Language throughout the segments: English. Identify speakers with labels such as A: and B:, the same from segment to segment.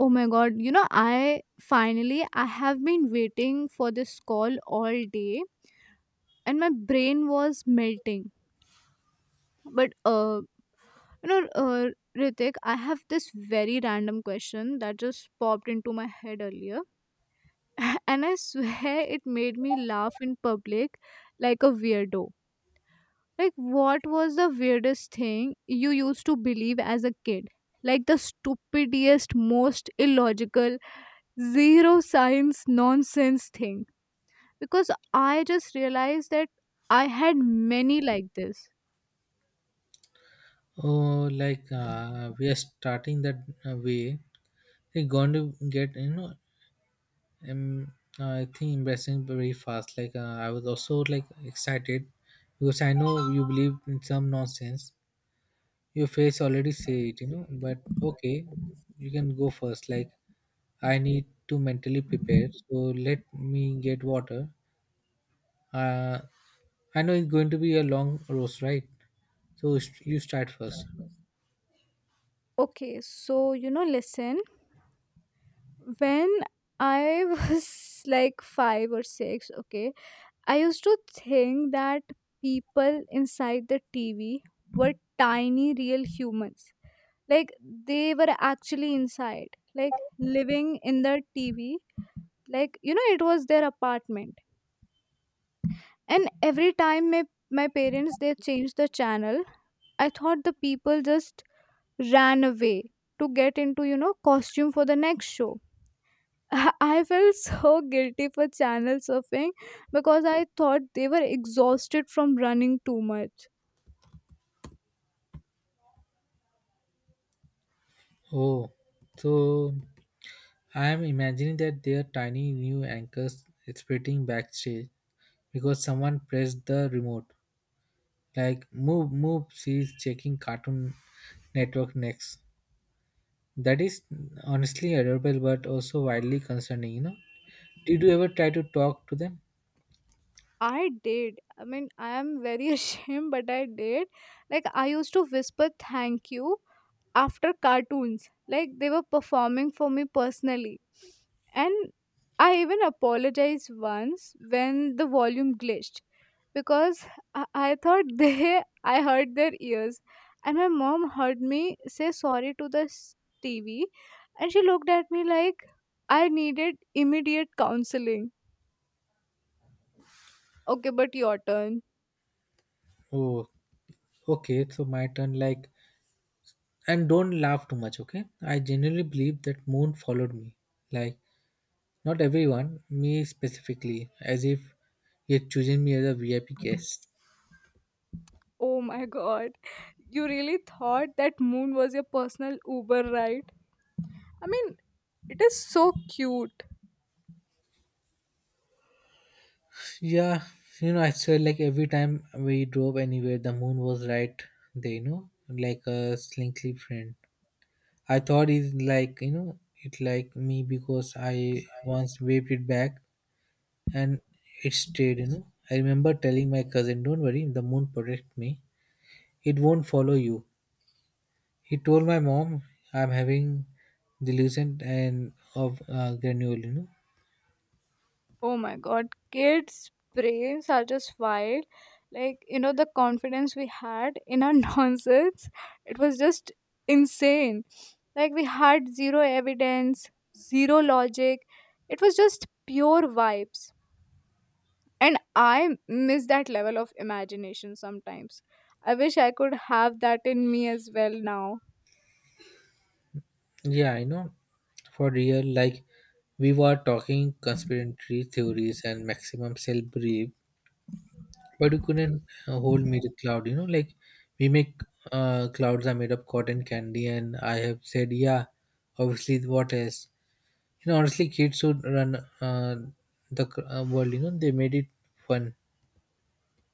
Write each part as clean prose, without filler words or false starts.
A: Oh my god, you know, I finally I have been waiting for this call all day and my brain was melting. But uh you know, uh, Ritik, I have this very random question that just popped into my head earlier. And I swear it made me laugh in public like a weirdo. Like, what was the weirdest thing you used to believe as a kid? Like, the stupidest, most illogical, zero science nonsense thing because I just realized that I had many like this.
B: Oh, like we are starting that way. It's going to get you know, um, I think embarrassing very fast. Like I was also like excited because I know you believe in some nonsense. Your face already say it, you know. But okay, you can go first. Like I need to mentally prepare. So let me get water. Uh, I know it's going to be a long roast, right? So you start first.
A: Okay, so you know, listen, when I was like five or six, okay, I used to think that people inside the TV were tiny, real humans. Like, they were actually inside, like living in the TV. Like, you know, it was their apartment. And every time my parents they changed the channel, I thought the people just ran away to get into, you know, costume for the next show. I felt so guilty for channel surfing because I thought they were exhausted from running too much.
B: Oh, so I am imagining that their tiny new anchors splitting backstage because someone pressed the remote. Like, move, move, she's checking Cartoon Network next. That is honestly adorable but also wildly concerning, you know. Did you ever try to talk to them?
A: I did. I mean, I am very ashamed, but I did. Like, I used to whisper thank you after cartoons. Like, they were performing for me personally. And I even apologized once when the volume glitched because I thought I hurt their ears. And my mom heard me say sorry to the TV and she looked at me like I needed immediate counseling. Okay, but your turn.
B: Oh, okay, so my turn. Like, and don't laugh too much, okay? I genuinely believe that Moon followed me. Like, not everyone, me specifically, as if he had chosen me as a VIP guest.
A: Oh my god. You really thought that moon was your personal Uber ride? I mean, it is so cute.
B: Yeah, you know, I swear, like every time we drove anywhere, the moon was right there, you know, like a slinky friend. I thought it's like, you know, it like me because I once waved it back and it stayed, you know. I remember telling my cousin, don't worry, the moon protect me. It won't follow you. He told my mom I'm having delusion and of granule, you know.
A: Oh my god. Kids' brains are just wild. Like, you know, the confidence we had in our nonsense, it was just insane. Like, we had zero evidence, zero logic. It was just pure vibes. And I miss that level of imagination sometimes. I wish I could have that in me as well now.
B: Yeah, I know. For real, like we were talking conspiratory theories and maximum cell brief, but you couldn't hold me to cloud. You know, like we make clouds are made of cotton candy, and I have said, yeah, obviously, what else? You know, honestly, kids should run uh, world. You know, they made it fun.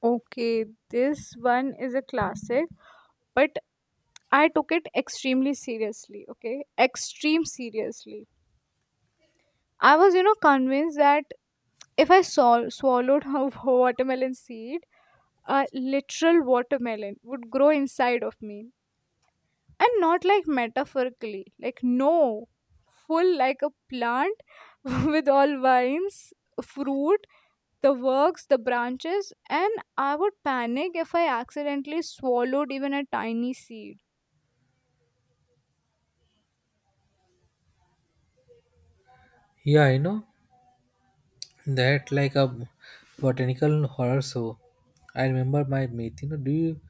A: Okay, this one is a classic, but I took it extremely seriously, okay? Extreme seriously. I was, you know, convinced that if I swallowed a watermelon seed, a literal watermelon would grow inside of me. And not like metaphorically, like, no, full like a plant with all vines, fruit, the works, the branches, and I would panic if I accidentally swallowed even a tiny seed.
B: Yeah, I know. That like a botanical horror show. I remember my mate. You know, do you?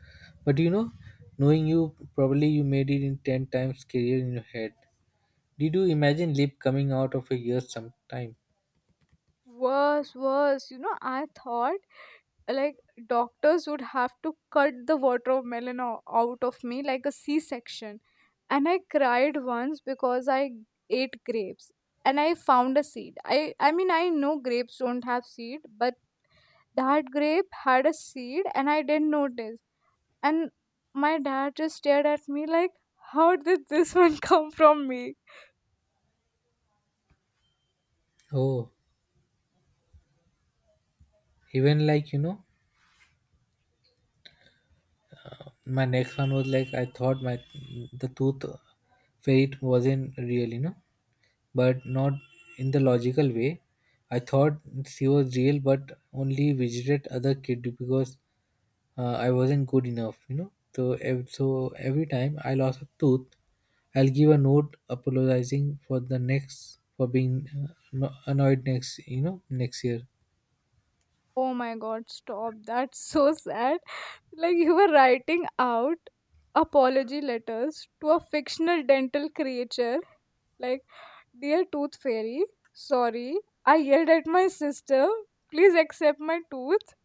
B: But you know, knowing you, probably you made it in ten times scarier in your head. Did you imagine lip coming out of your ears sometime?
A: Worse, worse. You know, I thought like doctors would have to cut the watermelon out of me like a C section. And I cried once because I ate grapes and I found a seed. I mean, I know grapes don't have seed, but that grape had a seed and I didn't notice. And my dad just stared at me like, how did this one come from me?
B: Oh, even like you know, my next one was like I thought my the tooth fairy wasn't real, you know, but not in the logical way. I thought she was real, but only visited other kid because I wasn't good enough, you know. So every time I lost a tooth, I'll give a note apologizing for the next for being annoyed next, you know, next year.
A: Oh my god, stop. That's so sad. Like, you were writing out apology letters to a fictional dental creature. Like, dear Tooth Fairy, sorry, I yelled at my sister. Please accept my tooth.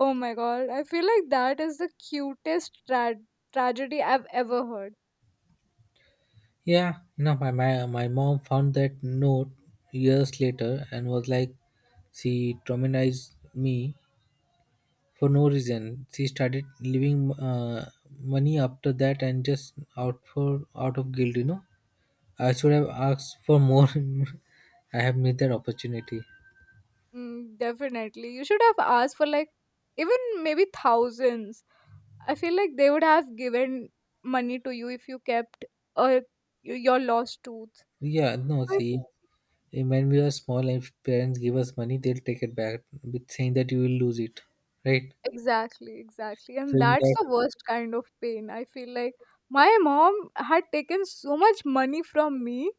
A: Oh my god, I feel like that is the cutest tragedy I've ever heard.
B: Yeah, you know, my mom found that note years later and was like, she traumatized me for no reason. She started leaving money after that and just out of guilt, you know. I should have asked for more. I have missed that opportunity.
A: Mm, definitely. You should have asked for like even maybe thousands. I feel like they would have given money to you if you kept uh, your lost tooth.
B: Yeah, no,
A: But
B: see, when we are small and if parents give us money, they'll take it back with saying that you will lose it, right?
A: exactly, exactly. And
B: So in
A: that's
B: that,
A: the worst kind of pain. I feel like my mom had taken so much money from me.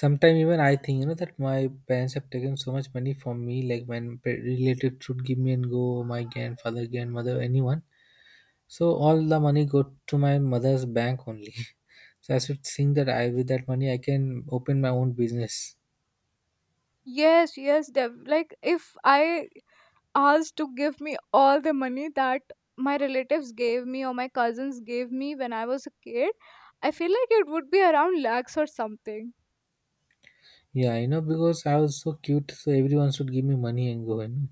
B: sometimes even I think, you know, that my parents have taken so much money from me, like when related should give me and go, my grandfather, grandmother, anyone. So all the money go to my mother's bank only. so I should think that I, with that money, I can open my own business.
A: Yes, yes, Dev. Like, if I asked to give me all the money that my relatives gave me or my cousins gave me when I was a kid, I feel like it would be around lakhs or something.
B: Yeah, you know, because I was so cute, so everyone should give me money and go, you know.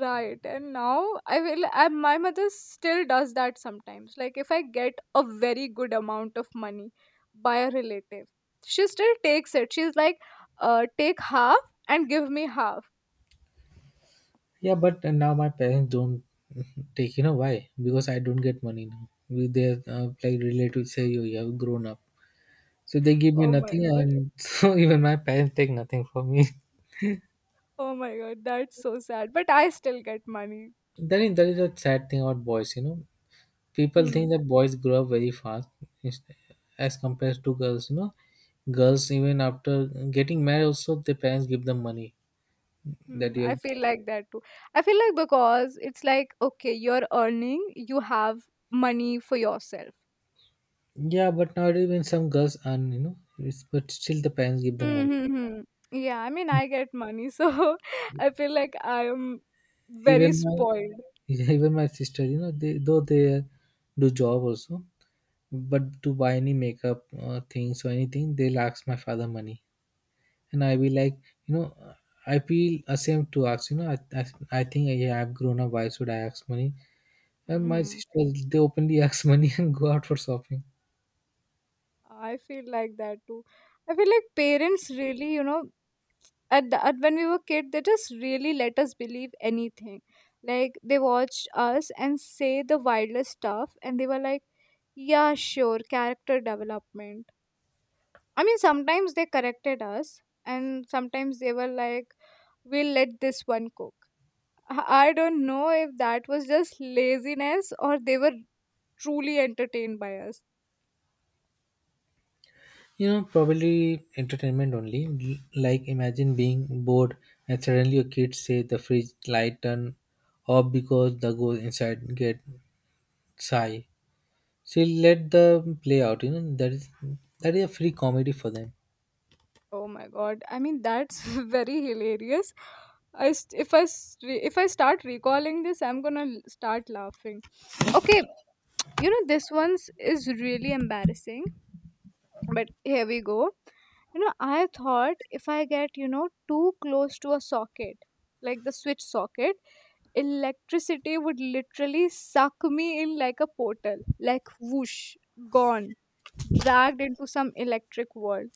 A: Right. And now my mother still does that sometimes. Like if I get a very good amount of money by a relative, she still takes it. She's like, take half and give me half.
B: Yeah, but now my parents don't take. You know why? Because I don't get money now. With their like relatives say you have grown up, so they give me
A: Oh my
B: nothing,
A: God.
B: and so even my parents take nothing from me.
A: Oh my God. That's so sad. But I still get money.
B: That is a sad thing about boys. You know, people
A: Hmm.
B: think that boys grow up very fast, is- as compared to girls. You know, girls even after getting married, also their parents give them money that
A: Hmm.
B: you.
A: I
B: Have.
A: feel like that too. I feel like because it's like, okay, you're earning, you have money for yourself.
B: Yeah, but nowadays even some girls earn. You know, it's, but still the parents give them
A: Hmm,
B: money.
A: hmm, hmm. Yeah, I mean, I get money, so I feel like I am very
B: Even my
A: spoiled.
B: even my sister, you know, they though they do job also, but to buy any makeup things or anything, they'll ask my father money, and I be like, you know, I feel ashamed to ask. You know, I think yeah, I've grown up. Why should I ask money? And my
A: Hmm.
B: sister, they openly ask money and go out for shopping.
A: I feel like that too. I feel like parents really, you know, at, the, at when we were kid, they just really let us believe anything. Like they watched us and say the wildest stuff, and they were like, "Yeah, sure, character development." I mean, sometimes they corrected us, and sometimes they were like, "We'll let this one cook." I don't know if that was just laziness or they were truly entertained by us.
B: You know, probably entertainment only. Like imagine being bored and suddenly your kids say the fridge light turn off because the goes inside get sigh. She'll let them play out. You know that is a free comedy for them.
A: Oh my god. I mean that's very hilarious. I st- if I s- re- if I start recalling this I'm going to start laughing. Okay, you know this one's is really embarrassing, but here we go. You know, I thought if I get, you know, too close to a socket, like the switch socket, electricity would literally suck me in like a portal, like whoosh, gone, dragged into some electric world.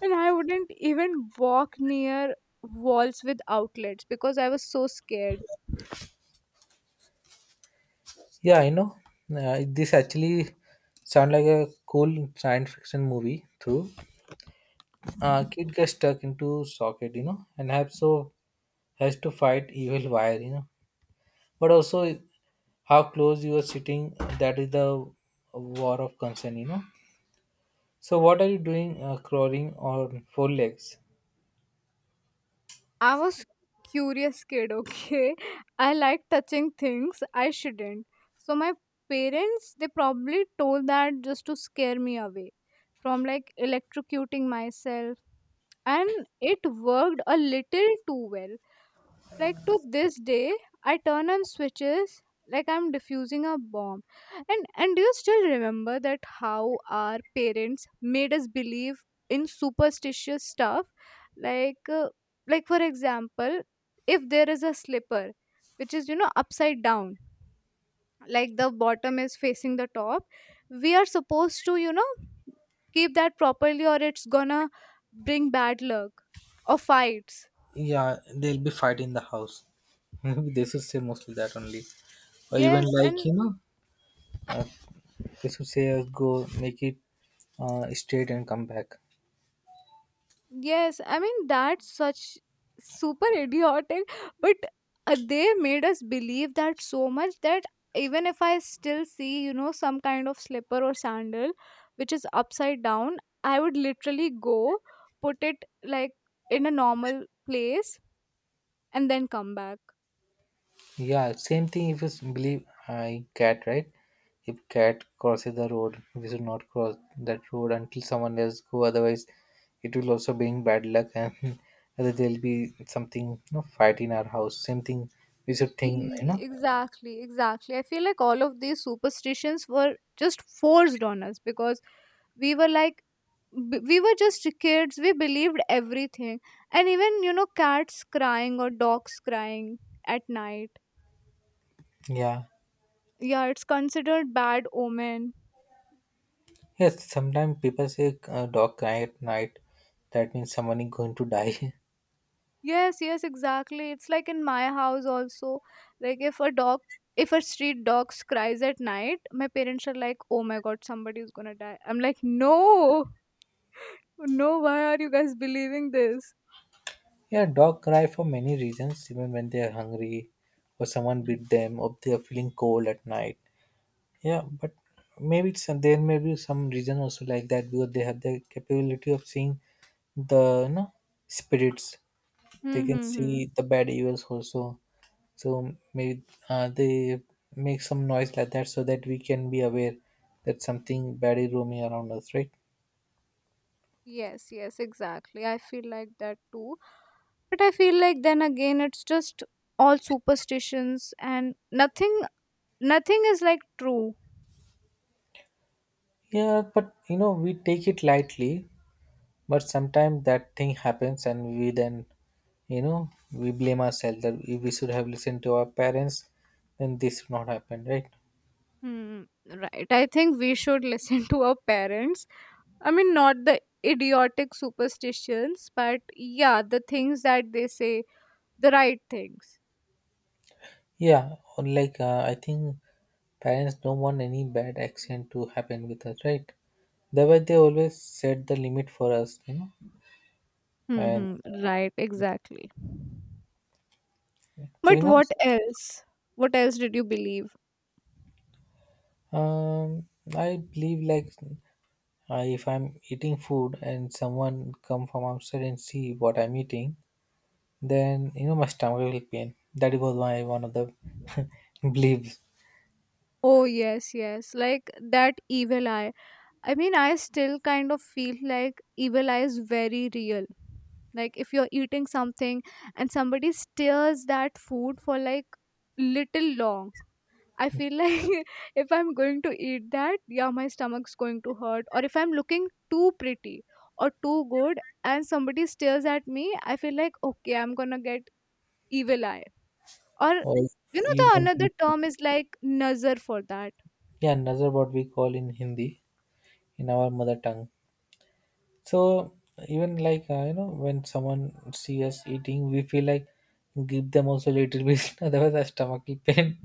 A: And I wouldn't even walk near walls with outlets because I was so scared.
B: Yeah, I know. This actually sound like a cool science fiction movie. Through, kid gets stuck into socket, you know, and have so has to fight evil wire, you know. But also, how close you are sitting, that is the war of concern, you know. So, what are you doing, crawling on four legs?
A: I was curious kid, okay? I like touching things I shouldn't. So my parents they probably told that just to scare me away from like electrocuting myself and it worked a little too well, like to this day I turn on switches like I'm diffusing a bomb. And do you still remember that how our parents made us believe in superstitious stuff, like uh, like for example if there is a slipper which is, you know, upside down, like the bottom is facing the top, we are supposed to, you know, keep that properly or it's gonna bring bad luck or fights?
B: Yeah, they'll be fighting the house. they should say mostly that only, or even
A: Yes.
B: like
A: And
B: you know, uh, they should say go make it straight and come back.
A: yes, I mean that's such super idiotic, but they made us believe that so much that even if I still see, you know, some kind of slipper or sandal which is upside down, I would literally go put it like in a normal place and then come back.
B: Yeah, same thing if you s- believe I cat, right? If cat crosses the road, we should not cross that road until someone else go, otherwise it will also bring bad luck and whether there'll be something you know fight in our house, same thing we should think, you
A: E-
B: know.
A: Exactly, exactly. I feel like all of these superstitions were just forced on us because we were like we were just kids, we believed everything. And even, you know, cats crying or dogs crying at night,
B: Yeah,
A: yeah, it's considered bad omen.
B: yes, sometimes people say dog cry at night, that means someone is going to die.
A: Yes, yes, exactly. It's like in my house also, like if a street dog cries at night, my parents are like, oh my god, somebody's gonna die. I'm like, no, no, why are you guys believing this?
B: Yeah, dog cry for many reasons, even when they are hungry, or someone beat them, or they are feeling cold at night. Yeah, but maybe it's, there may be some reason also like that because they have the capability of seeing the you know spirits. They can
A: Mm-hmm.
B: see the bad evils also. So maybe they make some noise like that so that we can be aware that something bad is roaming around us, right?
A: Yes, yes, exactly, I feel like that too. But I feel like then again it's just all superstitions and nothing is like true.
B: Yeah, but you know we take it lightly. But sometimes that thing happens, and we then, you know, we blame ourselves that we should have listened to our parents, then this would not happen, right?
A: Hmm, right. I think we should listen to our parents. I mean not the idiotic superstitions, but yeah, the things that they say, the right things.
B: Yeah, or like I think parents don't want any bad accident to happen with us, right? That way they always set the limit for us, you know. And
A: Mm-hmm. Right, exactly.
B: so you
A: But
B: know,
A: what else? What else did you believe?
B: um, I believe like if I'm eating food and someone come from outside and see what I'm eating, then you know my stomach will pain. That was my one of the beliefs.
A: Oh yes, yes. Like that evil eye. I mean, I still kind of feel like evil eye is very real. Like, if you're eating something and somebody steers that food for like little long, I feel like if I'm going to eat that, yeah, my stomach's going to hurt. Or if I'm looking too pretty or too good and somebody stares at me, I feel like, okay, I'm gonna get evil eye. Or,
B: Or
A: you know, the
B: you don't
A: another
B: eat it.
A: term is like nazar for that.
B: Yeah, another what we call in Hindi in our mother tongue. So even like you know when someone see us eating, we feel like give them also little bit. Otherwise, our stomach will pain.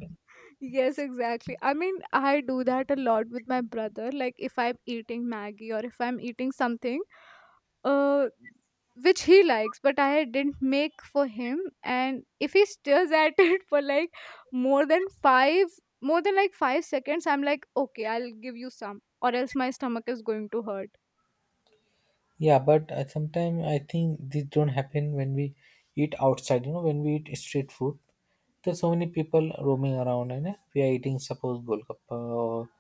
A: Yes, exactly. I mean, I do that a lot with my brother. Like, if I'm eating Maggie or if I'm eating something, uh, which he likes, but I didn't make for him, and if he stares at it for like more than five, more than like five seconds, I'm like, okay, I'll give you some, or else my stomach is going to hurt.
B: Yeah, but sometimes I think this don't happen when we eat outside. You know, when we eat street food, there's so many people roaming around, and we are eating suppose golgappa or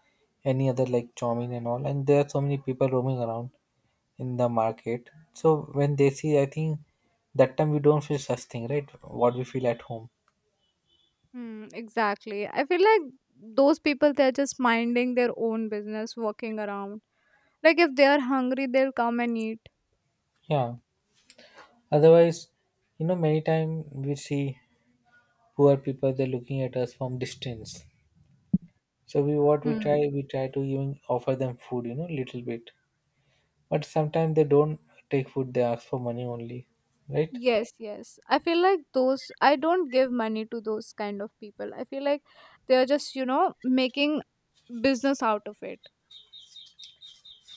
B: any other like chowmin and all, and there are so many people roaming around in the market. So when they see, I think that time we don't feel such thing, right? What we feel at home.
A: Hmm, exactly. I feel like those people they're just minding their own business, walking around. Like, if they are hungry, they'll come and eat.
B: Yeah. Otherwise, you know, many time we see poor people. They're looking at us from distance. So
A: Hmm.
B: we try to even offer them food, you know, little bit. But sometimes they don't take food; they ask for money only, right?
A: Yes, yes. I feel like those, I don't give money to those kind of people. I feel like they're just, you know, making business out of it.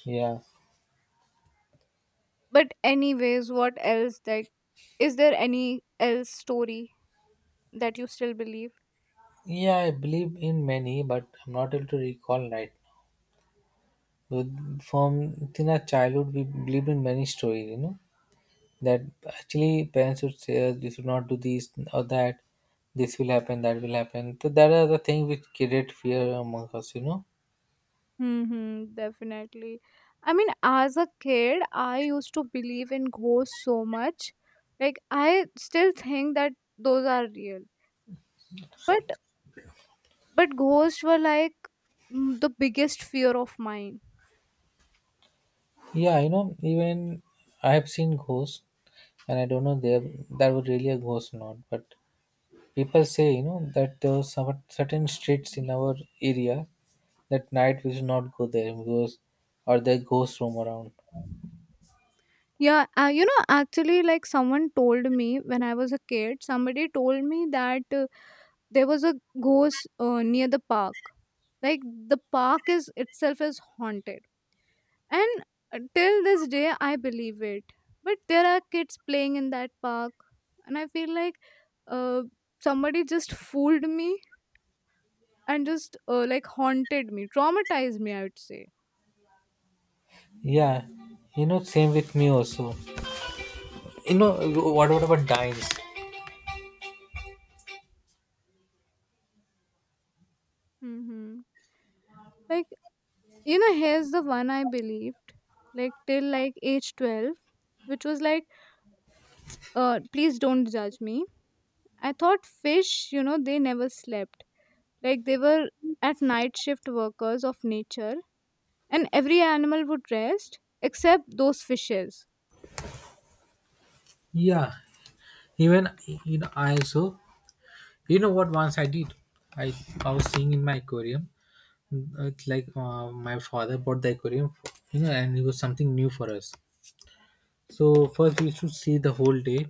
B: Yeah,
A: But, anyways, what else, that is there any else story that you still believe?
B: yeah. I believe in many, but I'm not able to recall right now. From in our childhood, we believed in many stories, you know, that actually parents would say us, you should not do this or that. This will happen, that will happen. So that are the things which create fear among us, you know.
A: Mm-hmm, definitely. I mean, as a kid, I used to believe in ghosts so much. Like, I still think that those are real. But, but ghosts were like, mm, the biggest fear of mine.
B: Yeah, you know, even I have seen ghosts and I don't know there that was really a ghost or not. But people say, you know, that there were some certain streets in our area that night we should not go there because or there ghosts roam around.
A: Yeah, you know, actually, like someone told me when I was a kid, somebody told me that there was a ghost near the park. Like the park is itself is haunted, and till this day, I believe it. But there are kids playing in that park, and I feel like uh, somebody just fooled me and just like haunted me, traumatized me, I would say.
B: Yeah, you know, same with me also. You know, what about dines?
A: Hmm. Like you know here's the one I believed like till like age 12, which was like please don't judge me. I thought fish you know they never slept, like they were at night shift workers of nature, and every animal would rest except those fishes.
B: Yeah, even you know, I also you know what once I did. I I was seeing in my aquarium. It's like my father bought the aquarium, you know, and it was something new for us. So first we used to see the whole day,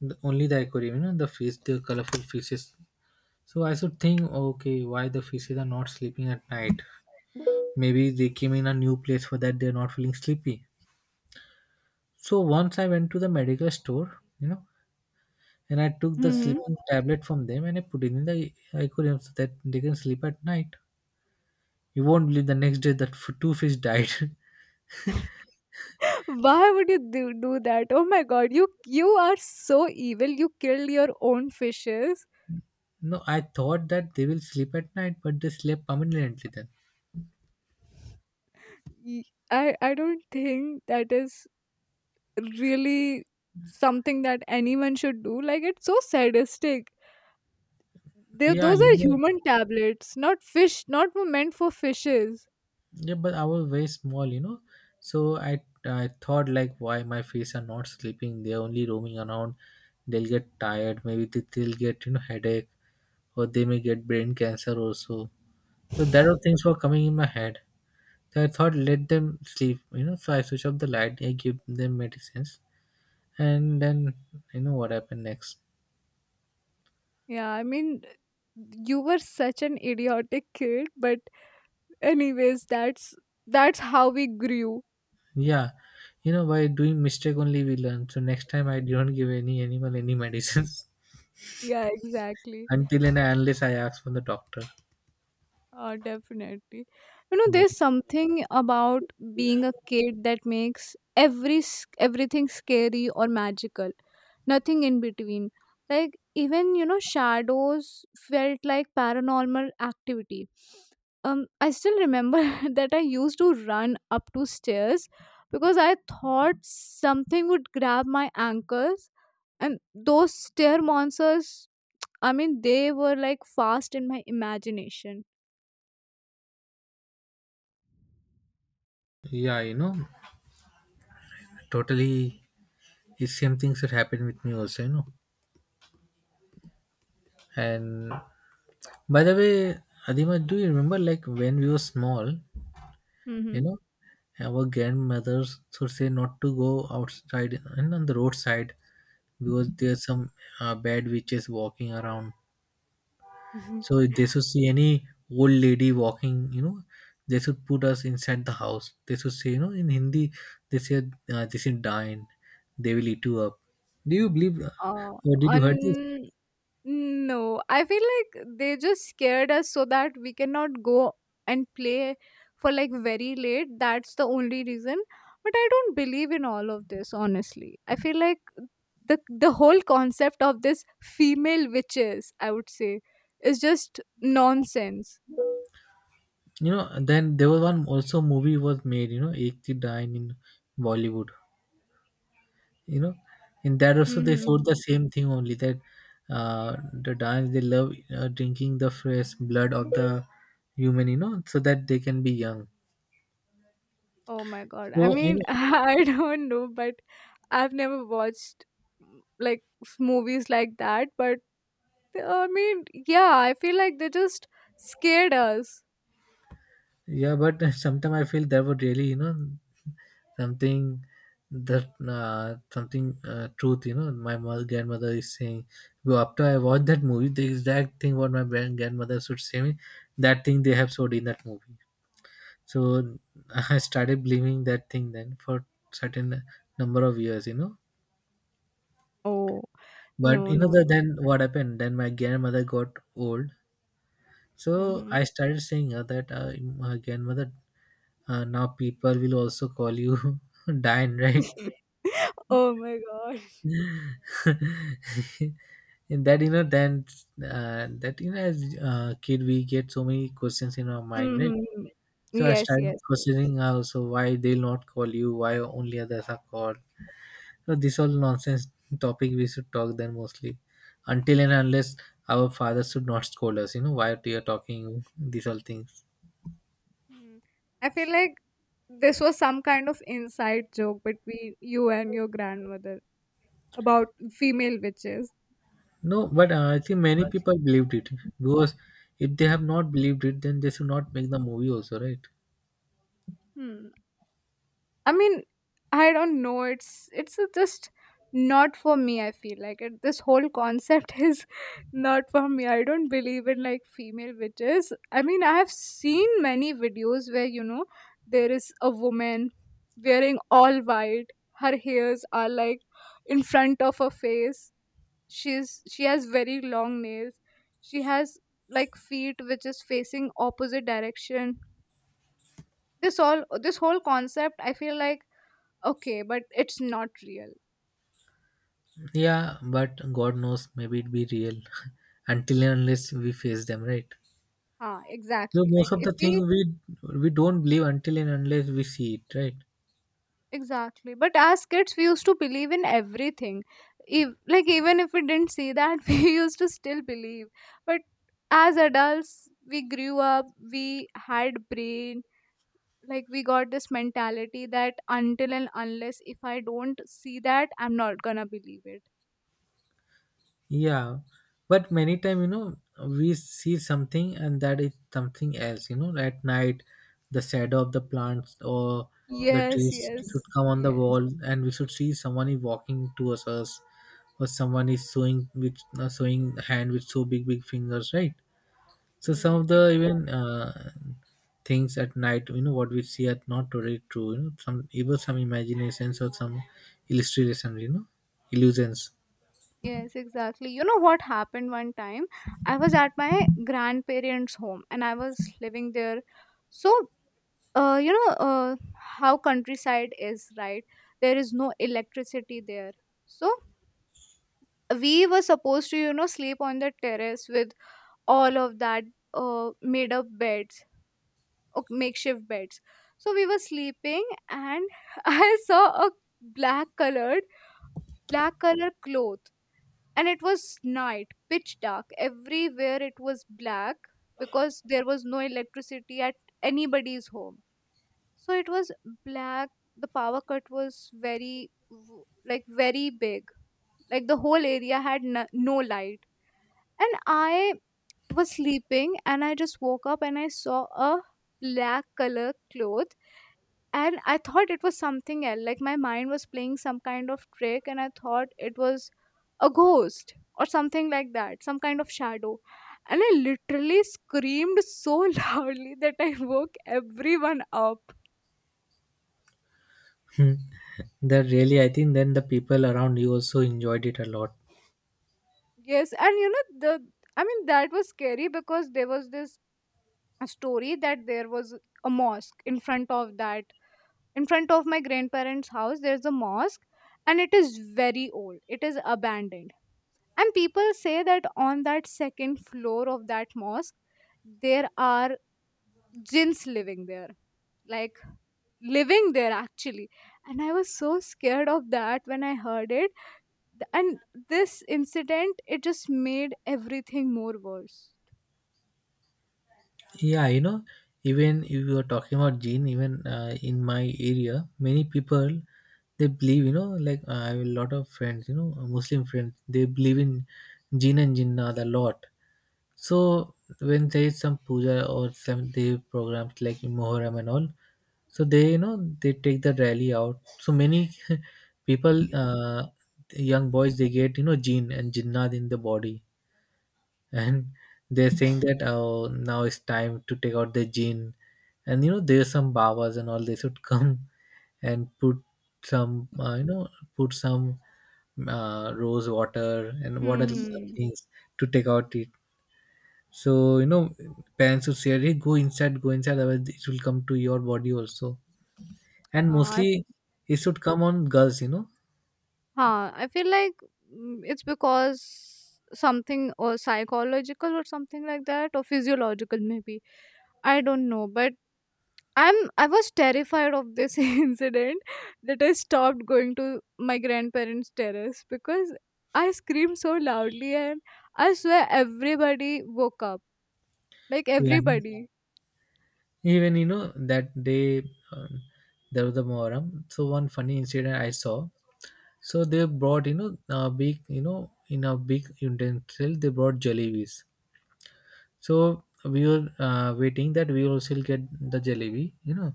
B: only the aquarium, the colorful fishes. So I should think, okay, why the fishes are not sleeping at night? Maybe they came in a new place, for that they're not feeling sleepy. So once I went to the medical store, and I took the
A: Hmm,
B: sleeping tablet from them, and I put it in the aquarium so that they can sleep at night. You won't believe, the next day that two fish died.
A: why would you do that? Oh my god, you are so evil. You killed your own fishes.
B: No, I thought that they will sleep at night, but they slept permanently then.
A: Y- I don't think that is really something that anyone should do. Like it's so sadistic. They,
B: Yeah,
A: those
B: I
A: are
B: know.
A: human tablets, not fish, not were meant for fishes.
B: Yeah, but I was very small, you know. So I thought like, why my fish are not sleeping? They're only roaming around. They'll get tired. Maybe they'll get, headache, or they may get brain cancer also. So that all things were coming in my head. So I thought, let them sleep, you know. So I switch off the light. I give them medicines, and then you know what happened next.
A: Yeah, I mean, you were such an idiotic kid, but anyways, that's how we grew.
B: Yeah, by doing mistake only we learn. So next time I don't give any animal any medicines
A: Yeah, exactly.
B: until and unless I ask from the doctor.
A: Definitely. You know,
B: Yeah,
A: there's something about being a kid that makes everything scary or magical. Nothing in between. Like even you know, shadows felt like paranormal activity. I still remember that I used to run up two stairs because I thought something would grab my ankles, and those stair monsters. I mean, they were like fast in my imagination.
B: yeah, totally. It's same things that happened with me also. And by the way, Adima, do you remember like when we were small, you know, our grandmothers would say not to go outside and on the roadside because there's some bad witches walking around.
A: Mhm.
B: So if they should see any old lady walking, they should put us inside the house. They should say, in Hindi, they said, this is dying. They will eat you up. Do you believe,
A: Uh,
B: or did you heard this?
A: un no, I feel like they just scared us so that we cannot go and play for like very late. That's the only reason. But I don't believe in all of this, honestly. I feel like the whole concept of this female witches, I would say, is just nonsense.
B: Then there was one also movie was made, Ek Thi Dine in Bollywood. You know, in that also they showed the
A: Hmm.
B: same thing only that, the dying, they love drinking the fresh blood of the human, so that they can be young.
A: Oh my god. I
B: So I
A: mean, I don't know, but I've never watched mm, movies like that, but I mean, yeah, I feel like they just scared us.
B: Yeah, but sometimes I feel that would really, something that something truth, my mother, grandmother is saying. Well, after I watched that movie, the exact thing what my grandmother should say me, that thing they have showed in that movie. So I started believing that thing then for certain number of years.
A: Oh,
B: But
A: no, no, no.
B: then what happened? Then my grandmother got old. So
A: Hmm.
B: I started saying that my grandmother, now people will also call you Diane, right?
A: Oh my god.
B: And that, then, that, as kid, we get so many questions in our mind, right?
A: Mm-hmm.
B: So I
A: Yes,
B: started
A: yes, yes.
B: questioning, also why they'll not call you, why only others are called. So this all nonsense topic we should talk then mostly, until and unless our father should not scold us. You know why they are talking these all things.
A: Mm. I feel like this was some kind of inside joke between you and your grandmother about female witches.
B: No, but I think many people believed it, because if they have not believed it, then they should not make the movie also, right?
A: Hmm. I mean, I don't know. It's just not for me. I feel like it, this whole concept is not for me. I don't believe in like female witches. I mean, I have seen many videos where you know there is a woman wearing all white. Her hairs are like in front of her face. She has very long nails. She has like feet which is facing opposite direction. This whole concept. I feel like okay, but it's not real.
B: Yeah, but God knows, maybe it be real until and unless we face them, right?
A: Ah,
B: No,
A: exactly. Like
B: most of
A: if
B: the
A: we
B: thing we don't believe until and unless we see it, right?
A: exactly, but as kids we used to believe in everything. If, like even if we didn't see that, we used to still believe. But as adults, we grew up. We had brain. Like we got this mentality that until and unless if I don't see that, I'm not gonna believe it.
B: Yeah, but many time we see something and that is something else. At night, the shadow of the plants or the
A: Yes,
B: trees should
A: yes,
B: come on the
A: yes.
B: wall, and we should see someone is walking towards us, or someone is sewing with, sewing hand with so big big fingers, right? So some
A: Hmm,
B: of the
A: exactly.
B: even, things at night, what we see are not totally true. Some even some imaginations or some illustrations, illusions.
A: Yes, exactly. You know what happened one time? I was at my grandparents' home and I was living there. So, you know how countryside is, right? There is no electricity there. So, we were supposed to, you know, sleep on the terrace with all of that made up beds, makeshift beds. So, we were sleeping and I saw a black colored, black colored cloth, and it was night, pitch dark everywhere. It was black because there was no electricity at anybody's home. So it was black. The power cut was very w- like very big. Like the whole area had no light, and I was sleeping and I just woke up and I saw a black color cloth, and I thought it was something else. Like my mind was playing some kind of trick, and I thought it was a ghost or something like that, some kind of shadow. And I literally screamed so loudly that I woke everyone up.
B: That really, I think then the people around you also enjoyed it a lot.
A: Yes, and you know the, I mean, that was scary because there was this story that there was a mosque in front of that, in front of my grandparents house there's a mosque, and it is very old, it is abandoned. And people say that on that second floor of that mosque there are jinns living there, like living there actually. And I was so scared of that when I heard it. And this incident it just made everything more worse.
B: Yeah, even if you are talking about gene, even, in my area, many people they believe, like, I have a lot of friends, Muslim friends, they believe in jinn and jinnat a lot. So when there is some puja or some they programs like in Muharram and all, so they, they take the rally out. So many people, young boys, they get, jinn and jinnat in the body, and they're saying that, oh, now it's time to take out the gin. And there's some babas and all, they should come and put some, put some, rose water and what other
A: Mm-hmm.
B: things to take out it. So parents would say, hey, go inside, go inside, otherwise it will come to your body also. And
A: Uh,
B: mostly it should come on girls.
A: huh, I feel like mm, it's because something or psychological or something like that, or physiological maybe, I don't know, but I was terrified of this incident that I stopped going to my grandparents' terrace because I screamed so loudly, and I swear everybody woke up. Like
B: Yeah.
A: everybody.
B: Even that day, um, there was a Muharram. So one funny incident I saw. So they brought, a big, in a big utensil they brought jalebis. So we were, waiting that we will still get the jalebi.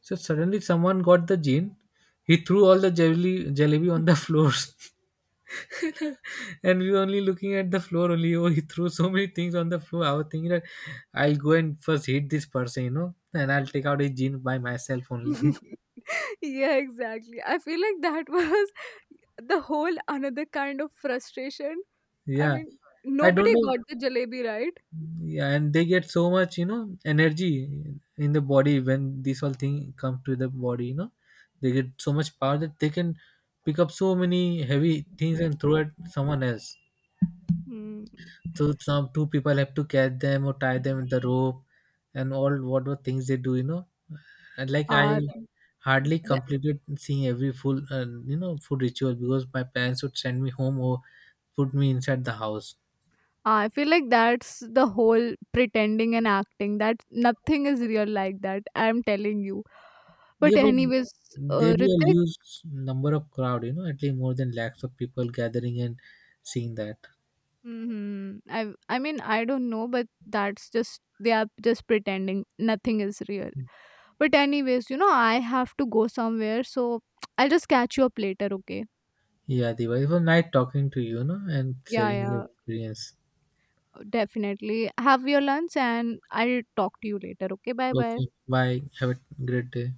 B: So suddenly someone got the gin. He threw all the jalebi jalebi on the floors. And we were only looking at the floor only, oh, he threw so many things on the floor. I was thinking that I'll go and first hit this person, and I'll take out his jeans by myself only.
A: Yeah, exactly. I feel like that was the whole another kind of frustration. I
B: Yeah,
A: mean,
B: I don't
A: nobody
B: know.
A: got the jalebi right.
B: Yeah, and they get so much, energy in the body when this whole thing come to the body, they get so much power that they can pick up so many heavy things and throw at someone else.
A: Hmm.
B: So some two people have to catch them or tie them with the rope and all what were things they do, And like I
A: Uh,
B: hardly
A: th-
B: completed seeing every full, food ritual, because my parents would send me home or put me inside the house.
A: I feel like that's the whole pretending and acting that nothing is real like that. I'm telling you. But
B: Yeah, but
A: anyways,
B: there be a
A: Ritik,
B: huge number of crowd, at least more than lakhs of people gathering and seeing that.
A: hmm, I mean I don't know, but that's just they are just pretending nothing is real. But anyways, you know I have to go somewhere, so I'll just catch you up later. Okay?
B: Yeah, Diva, it was nice talking to you, and
A: Yeah,
B: sharing your
A: yeah,
B: experience.
A: definitely. Have your lunch, and I'll talk to you later. Okay? Bye, bye.
B: Okay, bye. Have a great day.